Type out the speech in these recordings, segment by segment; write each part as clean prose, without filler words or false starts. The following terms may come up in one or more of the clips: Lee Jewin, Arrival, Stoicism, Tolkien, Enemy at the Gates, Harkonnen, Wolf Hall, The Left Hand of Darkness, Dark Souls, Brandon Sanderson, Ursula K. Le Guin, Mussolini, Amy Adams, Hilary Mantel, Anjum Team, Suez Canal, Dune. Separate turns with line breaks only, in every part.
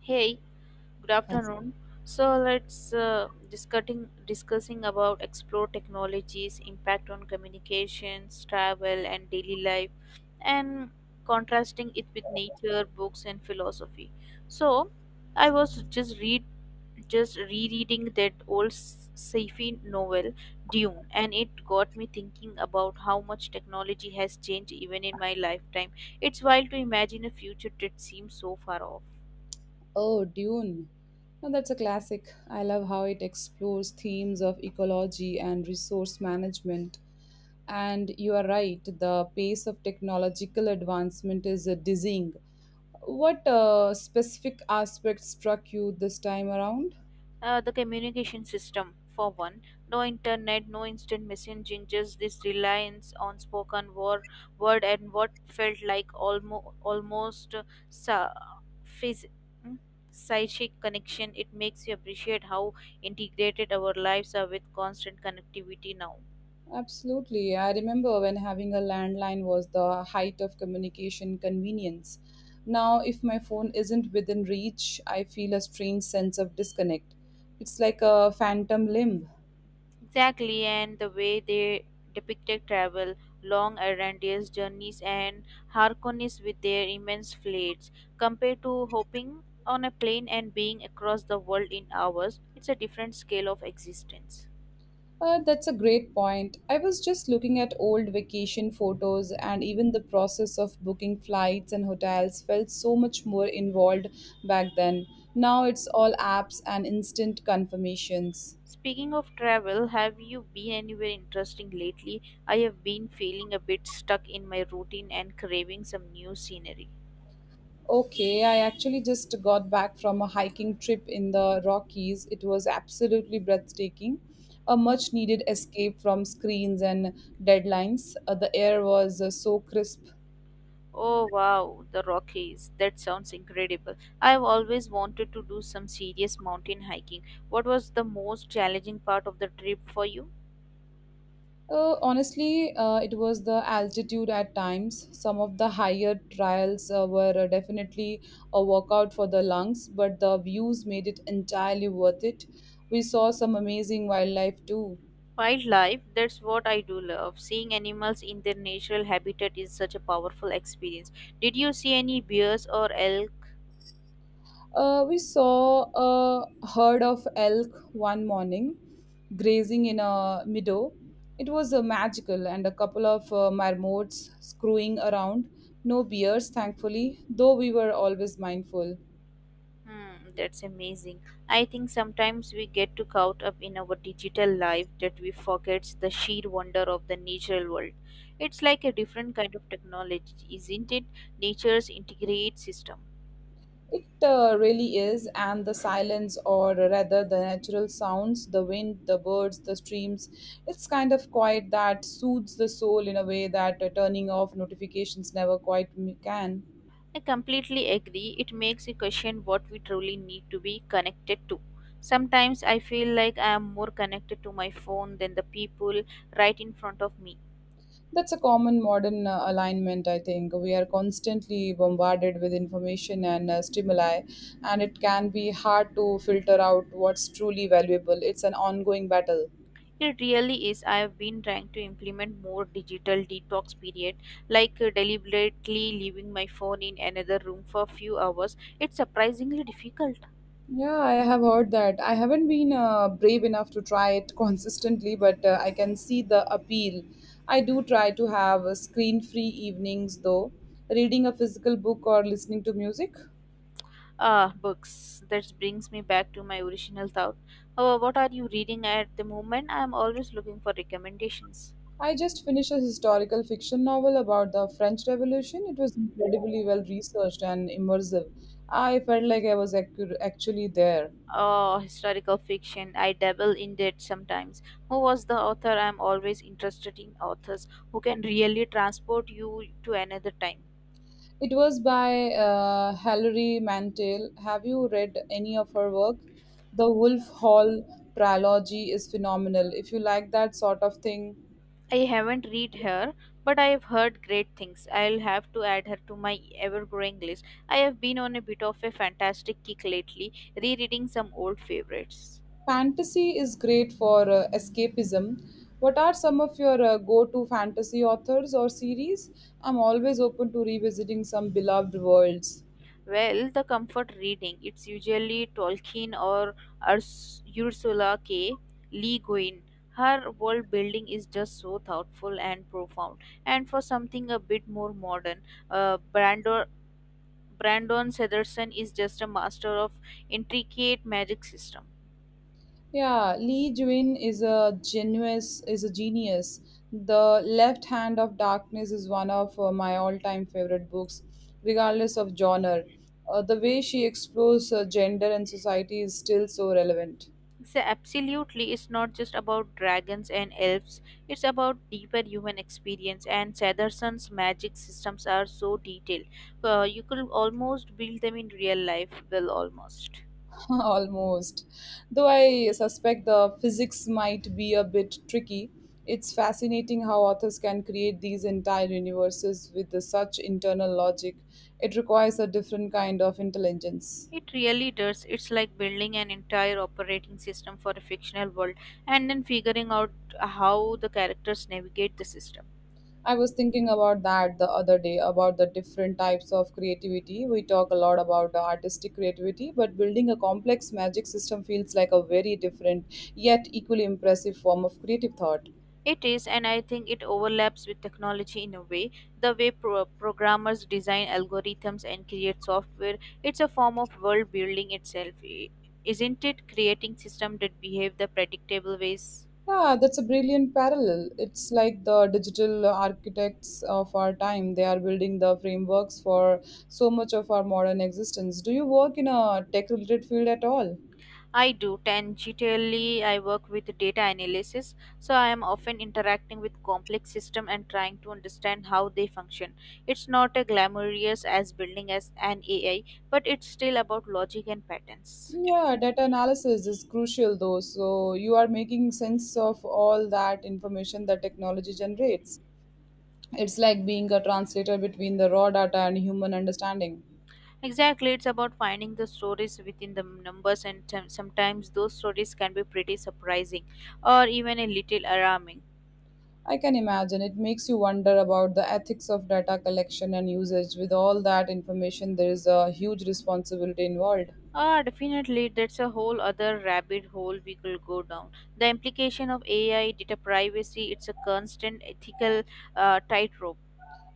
Hey, good afternoon. So let's discussing discussing about explore technologies impact on communications, travel, and daily life, and contrasting it with nature, books, and philosophy. So I was just read just rereading that old sci-fi novel Dune, and it got me thinking about how much technology has changed even in my lifetime. It's wild to imagine a future that seems so far off.
Oh, Dune. Now that's a classic. I love how it explores themes of ecology and resource management. And you are right, the pace of technological advancement is dizzying. What specific aspect struck you this time around?
The communication system, for one, no internet, no instant messaging, just this reliance on spoken word, word and what felt like almost sa- phys- mm, psychic connection. It makes you appreciate how integrated our lives are with constant connectivity now.
Absolutely. I remember when having a landline was the height of communication convenience. Now, if my phone isn't within reach, I feel a strange sense of disconnect. It's like a phantom limb.
Exactly, and the way they depicted travel, long errandious journeys, and Harkonnens with their immense fleets, compared to hopping on a plane and being across the world in hours, it's a different scale of existence.
That's a great point. I was just looking at old vacation photos, and even the process of booking flights and hotels felt so much more involved back then. Now it's all apps and instant confirmations.
Speaking of travel, have you been anywhere interesting lately? I have been feeling a bit stuck in my routine and craving some new scenery.
Okay, I actually just got back from a hiking trip in the Rockies. It was absolutely breathtaking. A much needed escape from screens and deadlines. The air was so crisp.
Oh wow, the Rockies. That sounds incredible. I've always wanted to do some serious mountain hiking. What was the most challenging part of the trip for you?
Honestly, it was the altitude at times. Some of the higher trials were definitely a workout for the lungs, but the views made it entirely worth it. We saw some amazing wildlife too.
Wildlife, that's what I do love. Seeing animals in their natural habitat is such a powerful experience. Did you see any bears or elk?
We saw a herd of elk one morning grazing in a meadow. It was magical, and a couple of marmots screwing around. No bears, thankfully, though we were always mindful.
Hmm, that's amazing. I think sometimes we get too caught up in our digital life that we forget the sheer wonder of the natural world. It's like a different kind of technology, isn't it? Nature's integrated system.
It really is, and the silence, or rather the natural sounds, the wind, the birds, the streams, it's kind of quiet that soothes the soul in a way that turning off notifications never quite can.
I completely agree. It makes you question what we truly need to be connected to. Sometimes I feel like I am more connected to my phone than the people right in front of me.
That's a common modern alignment, I think. We are constantly bombarded with information and stimuli, and it can be hard to filter out what's truly valuable. It's an ongoing battle.
It really is. I have been trying to implement more digital detox period, like deliberately leaving my phone in another room for a few hours. It's surprisingly difficult.
Yeah, I have heard that. I haven't been brave enough to try it consistently, but I can see the appeal. I do try to have screen-free evenings though, reading a physical book or listening to music.
Ah, books. That brings me back to my original thought. What are you reading at the moment? I am always looking for recommendations.
I just finished a historical fiction novel about the French Revolution. It was incredibly well researched and immersive. I felt like I was actually there.
Oh, historical fiction. I dabble in that sometimes. Who was the author? I am always interested in authors who can really transport you to another time.
It was by Hilary Mantel. Have you read any of her work? The Wolf Hall trilogy is phenomenal. If you like that sort of thing,
I haven't read her, but I've heard great things. I'll have to add her to my ever growing list. I have been on a bit of a fantastic kick lately, rereading some old favorites.
fantasy is great for escapism. What are some of your go to fantasy authors or series? I'm always open to revisiting some beloved worlds.
Well, the comfort reading, it's usually Tolkien or Ursula K. Le Guin. Her world building is just so thoughtful and profound. And for something a bit more modern, uh, Brandon, Brandon Sanderson is just a master of intricate magic system.
Yeah, Lee Jewin is a genius. Is a genius. The Left Hand of Darkness is one of my all-time favorite books, regardless of genre. The way she explores gender and society is still so relevant.
So absolutely, it's not just about dragons and elves. It's about deeper human experience. And Satterson's magic systems are so detailed. You could almost build them in real life. Well, almost.
Almost. Though I suspect the physics might be a bit tricky. It's fascinating how authors can create these entire universes with the such internal logic. It requires a different kind of intelligence.
It really does. It's like building an entire operating system for a fictional world and then figuring out how the characters navigate the system.
I was thinking about that the other day about the different types of creativity. We talk a lot about the artistic creativity, but building a complex magic system feels like a very different yet equally impressive form of creative thought.
It is, and I think it overlaps with technology in a way. The way programmers design algorithms and create software, it's a form of world building itself, isn't it? Creating systems that behave the predictable ways.
Yeah, that's a brilliant parallel. It's like the digital architects of our time. They are building the frameworks for so much of our modern existence. Do you work in a tech related field at all?
I do. Tangentially, I work with data analysis, so I am often interacting with complex systems and trying to understand how they function. It's not as glamorous as building as an AI, but it's still about logic and patterns.
Yeah, data analysis is crucial though. So you are making sense of all that information that technology generates. It's like being a translator between the raw data and human understanding.
Exactly, it's about finding the stories within the numbers, and sometimes those stories can be pretty surprising or even a little alarming.
I can imagine it makes you wonder about the ethics of data collection and usage. With all that information, there is a huge responsibility involved.
Ah, definitely, that's a whole other rabbit hole we could go down. The implication of AI, data privacy, it's a constant ethical tightrope.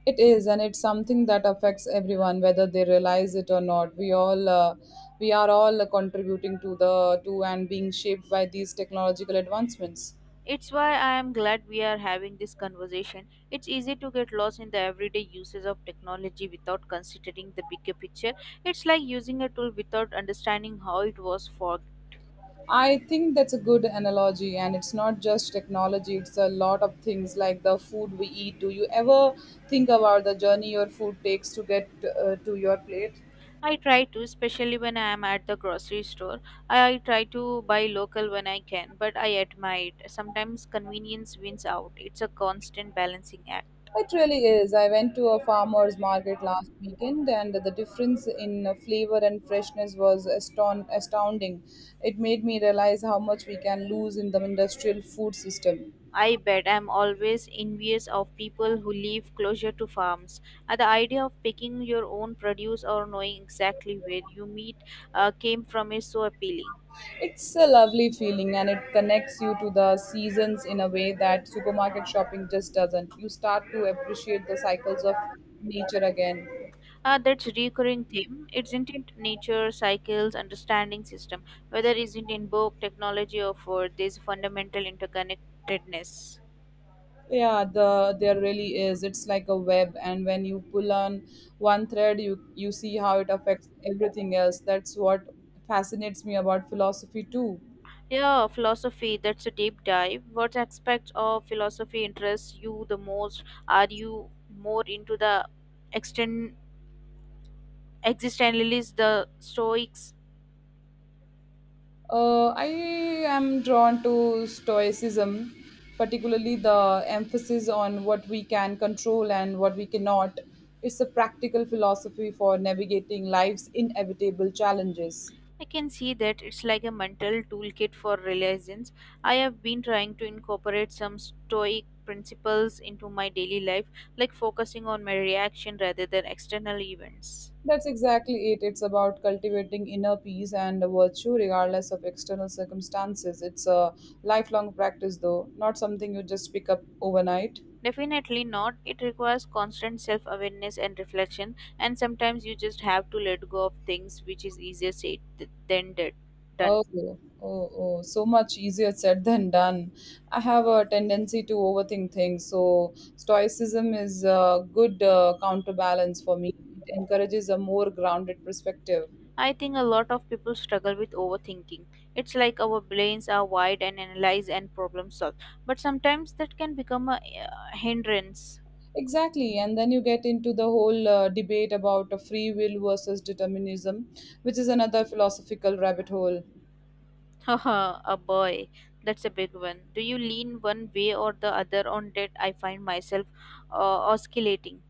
It is, and it's something that affects everyone, whether they realize it or not. We are all contributing to the to and being shaped by these technological advancements.
It's why I am glad we are having this conversation. It's easy to get lost in the everyday uses of technology without considering the bigger picture. It's like using a tool without understanding how it was forged.
I think that's a good analogy, and it's not just technology, it's a lot of things like the food we eat. Do you ever think about the journey your food takes to get to your plate?
I try to, especially when I am at the grocery store. I try to buy local when I can, but I admit sometimes convenience wins out. It's a constant balancing act.
It really is. I went to a farmer's market last weekend, and the difference in flavor and freshness was astounding. It made me realize how much we can lose in the industrial food system.
I bet I'm always envious of people who live closer to farms. The idea of picking your own produce or knowing exactly where you meat came from is so appealing.
It's a lovely feeling and it connects you to the seasons in a way that supermarket shopping just doesn't. You start to appreciate the cycles of nature again.
That's a recurring theme. It's in nature, cycles, understanding system. Whether it's in book, technology, or food, there's fundamental interconnectedness.
Yeah, there really is. It's like a web and when you pull on one thread you see how it affects everything else. That's what fascinates me about philosophy too.
Yeah, philosophy. That's a deep dive. What aspects of philosophy interests you the most? Are you more into the extend existentialists, the Stoics?
I am drawn to Stoicism, particularly the emphasis on what we can control and what we cannot. It's a practical philosophy for navigating life's inevitable challenges.
I can see that it's like a mental toolkit for resilience. I have been trying to incorporate some stoic principles into my daily life, like focusing on my reaction rather than external events.
That's exactly it. It's about cultivating inner peace and virtue regardless of external circumstances. It's a lifelong practice, though, not something you just pick up overnight.
Definitely not. It requires constant self awareness and reflection, and sometimes you just have to let go of things, which is easier said than done.
Oh, oh, so much easier said than done. I have a tendency to overthink things, so stoicism is a good counterbalance for me. It encourages a more grounded perspective.
I think a lot of people struggle with overthinking. It's like our brains are wide and analyze and problem solve, but sometimes that can become a hindrance.
Exactly, and then you get into the whole debate about a free will versus determinism, which is another philosophical rabbit hole.
Haha, a boy. That's a big one. Do you lean one way or the other on that? I find myself oscillating.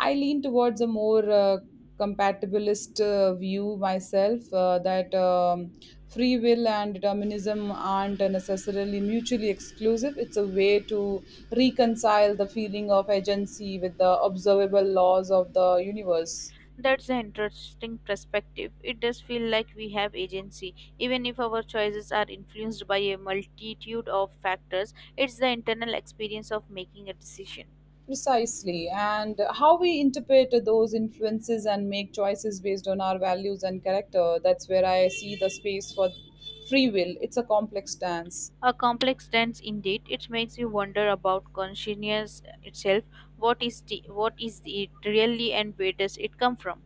I lean towards a more compatibilist view myself that free will and determinism aren't necessarily mutually exclusive. It's a way to reconcile the feeling of agency with the observable laws of the universe.
That's an interesting perspective. It does feel like we have agency. Even if our choices are influenced by a multitude of factors, it's the internal experience of making a decision.
Precisely, and how we interpret those influences and make choices based on our values and character. That's where I see the space for free will. It's a complex dance.
A complex dance indeed. It makes you wonder about consciousness itself. What is the, what is it really, and where does it come from?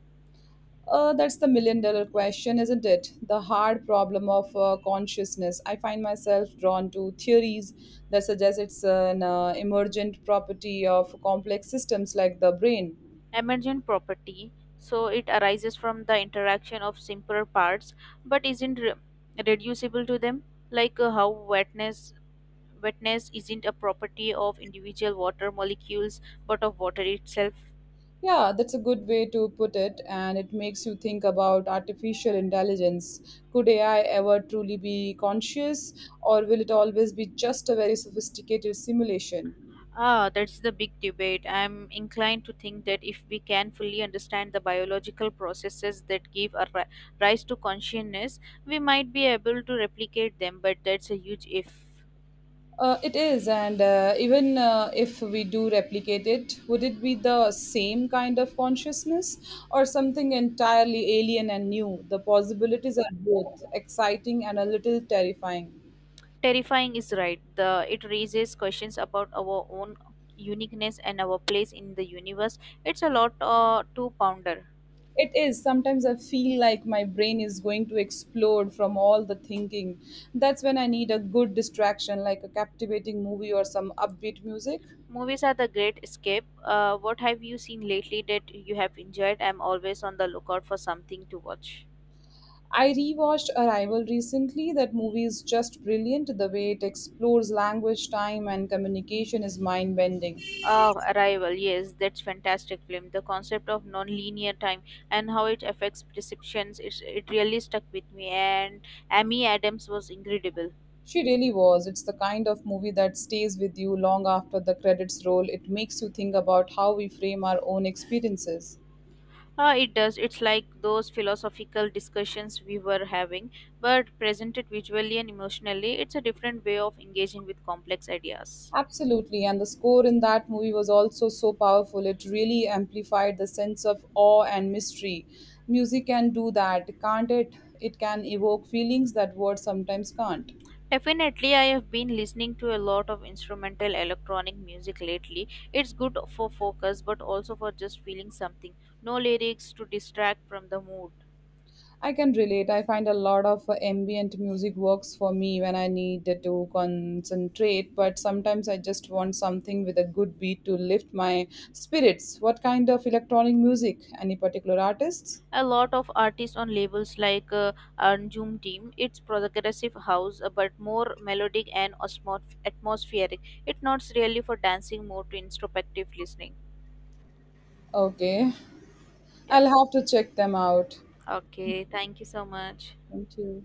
That's the million-dollar question, isn't it? The hard problem of consciousness. I find myself drawn to theories that suggest it's an emergent property of complex systems like the brain.
Emergent property. So it arises from the interaction of simpler parts, but isn't reducible to them. Like how wetness isn't a property of individual water molecules, but of water itself.
Yeah, that's a good way to put it, and it makes you think about artificial intelligence. Could AI ever truly be conscious, or will it always be just a very sophisticated simulation?
Ah, that's the big debate. I'm inclined to think that if we can fully understand the biological processes that give a rise to consciousness, we might be able to replicate them, but that's a huge if.
It is, and even if we do replicate it, would it be the same kind of consciousness or something entirely alien and new? The possibilities are both exciting and a little terrifying.
Terrifying is right. The it raises questions about our own uniqueness and our place in the universe. It's a lot to ponder.
It is. Sometimes I feel like my brain is going to explode from all the thinking. That's when I need a good distraction, like a captivating movie or some upbeat music.
Movies are the great escape. What have you seen lately that you have enjoyed? I'm always on the lookout for something to watch.
I rewatched Arrival recently. That movie is just brilliant. The way it explores language, time, and communication is mind bending.
Oh, Arrival. Yes, that's fantastic film. The concept of non-linear time and how it affects perceptions, it's, it really stuck with me. And Amy Adams was incredible.
She really was. It's the kind of movie that stays with you long after the credits roll. It makes you think about how we frame our own experiences.
It does. It's like those philosophical discussions we were having, but presented visually and emotionally. It's a different way of engaging with complex ideas.
Absolutely, and the score in that movie was also so powerful. It really amplified the sense of awe and mystery. Music can do that, can't it? It can evoke feelings that words sometimes can't.
Definitely, I have been listening to a lot of instrumental electronic music lately. It's good for focus but also for just feeling something. No lyrics to distract from the mood.
I can relate. I find a lot of ambient music works for me when I need to concentrate, but sometimes I just want something with a good beat to lift my spirits. What kind of electronic music? Any particular artists?
A lot of artists on labels like Anjum Team, it's progressive house but more melodic and atmospheric. It's not really for dancing, more to introspective listening.
Okay,
Yeah.
I'll have to check them out.
Okay, thank you so much.
Thank you.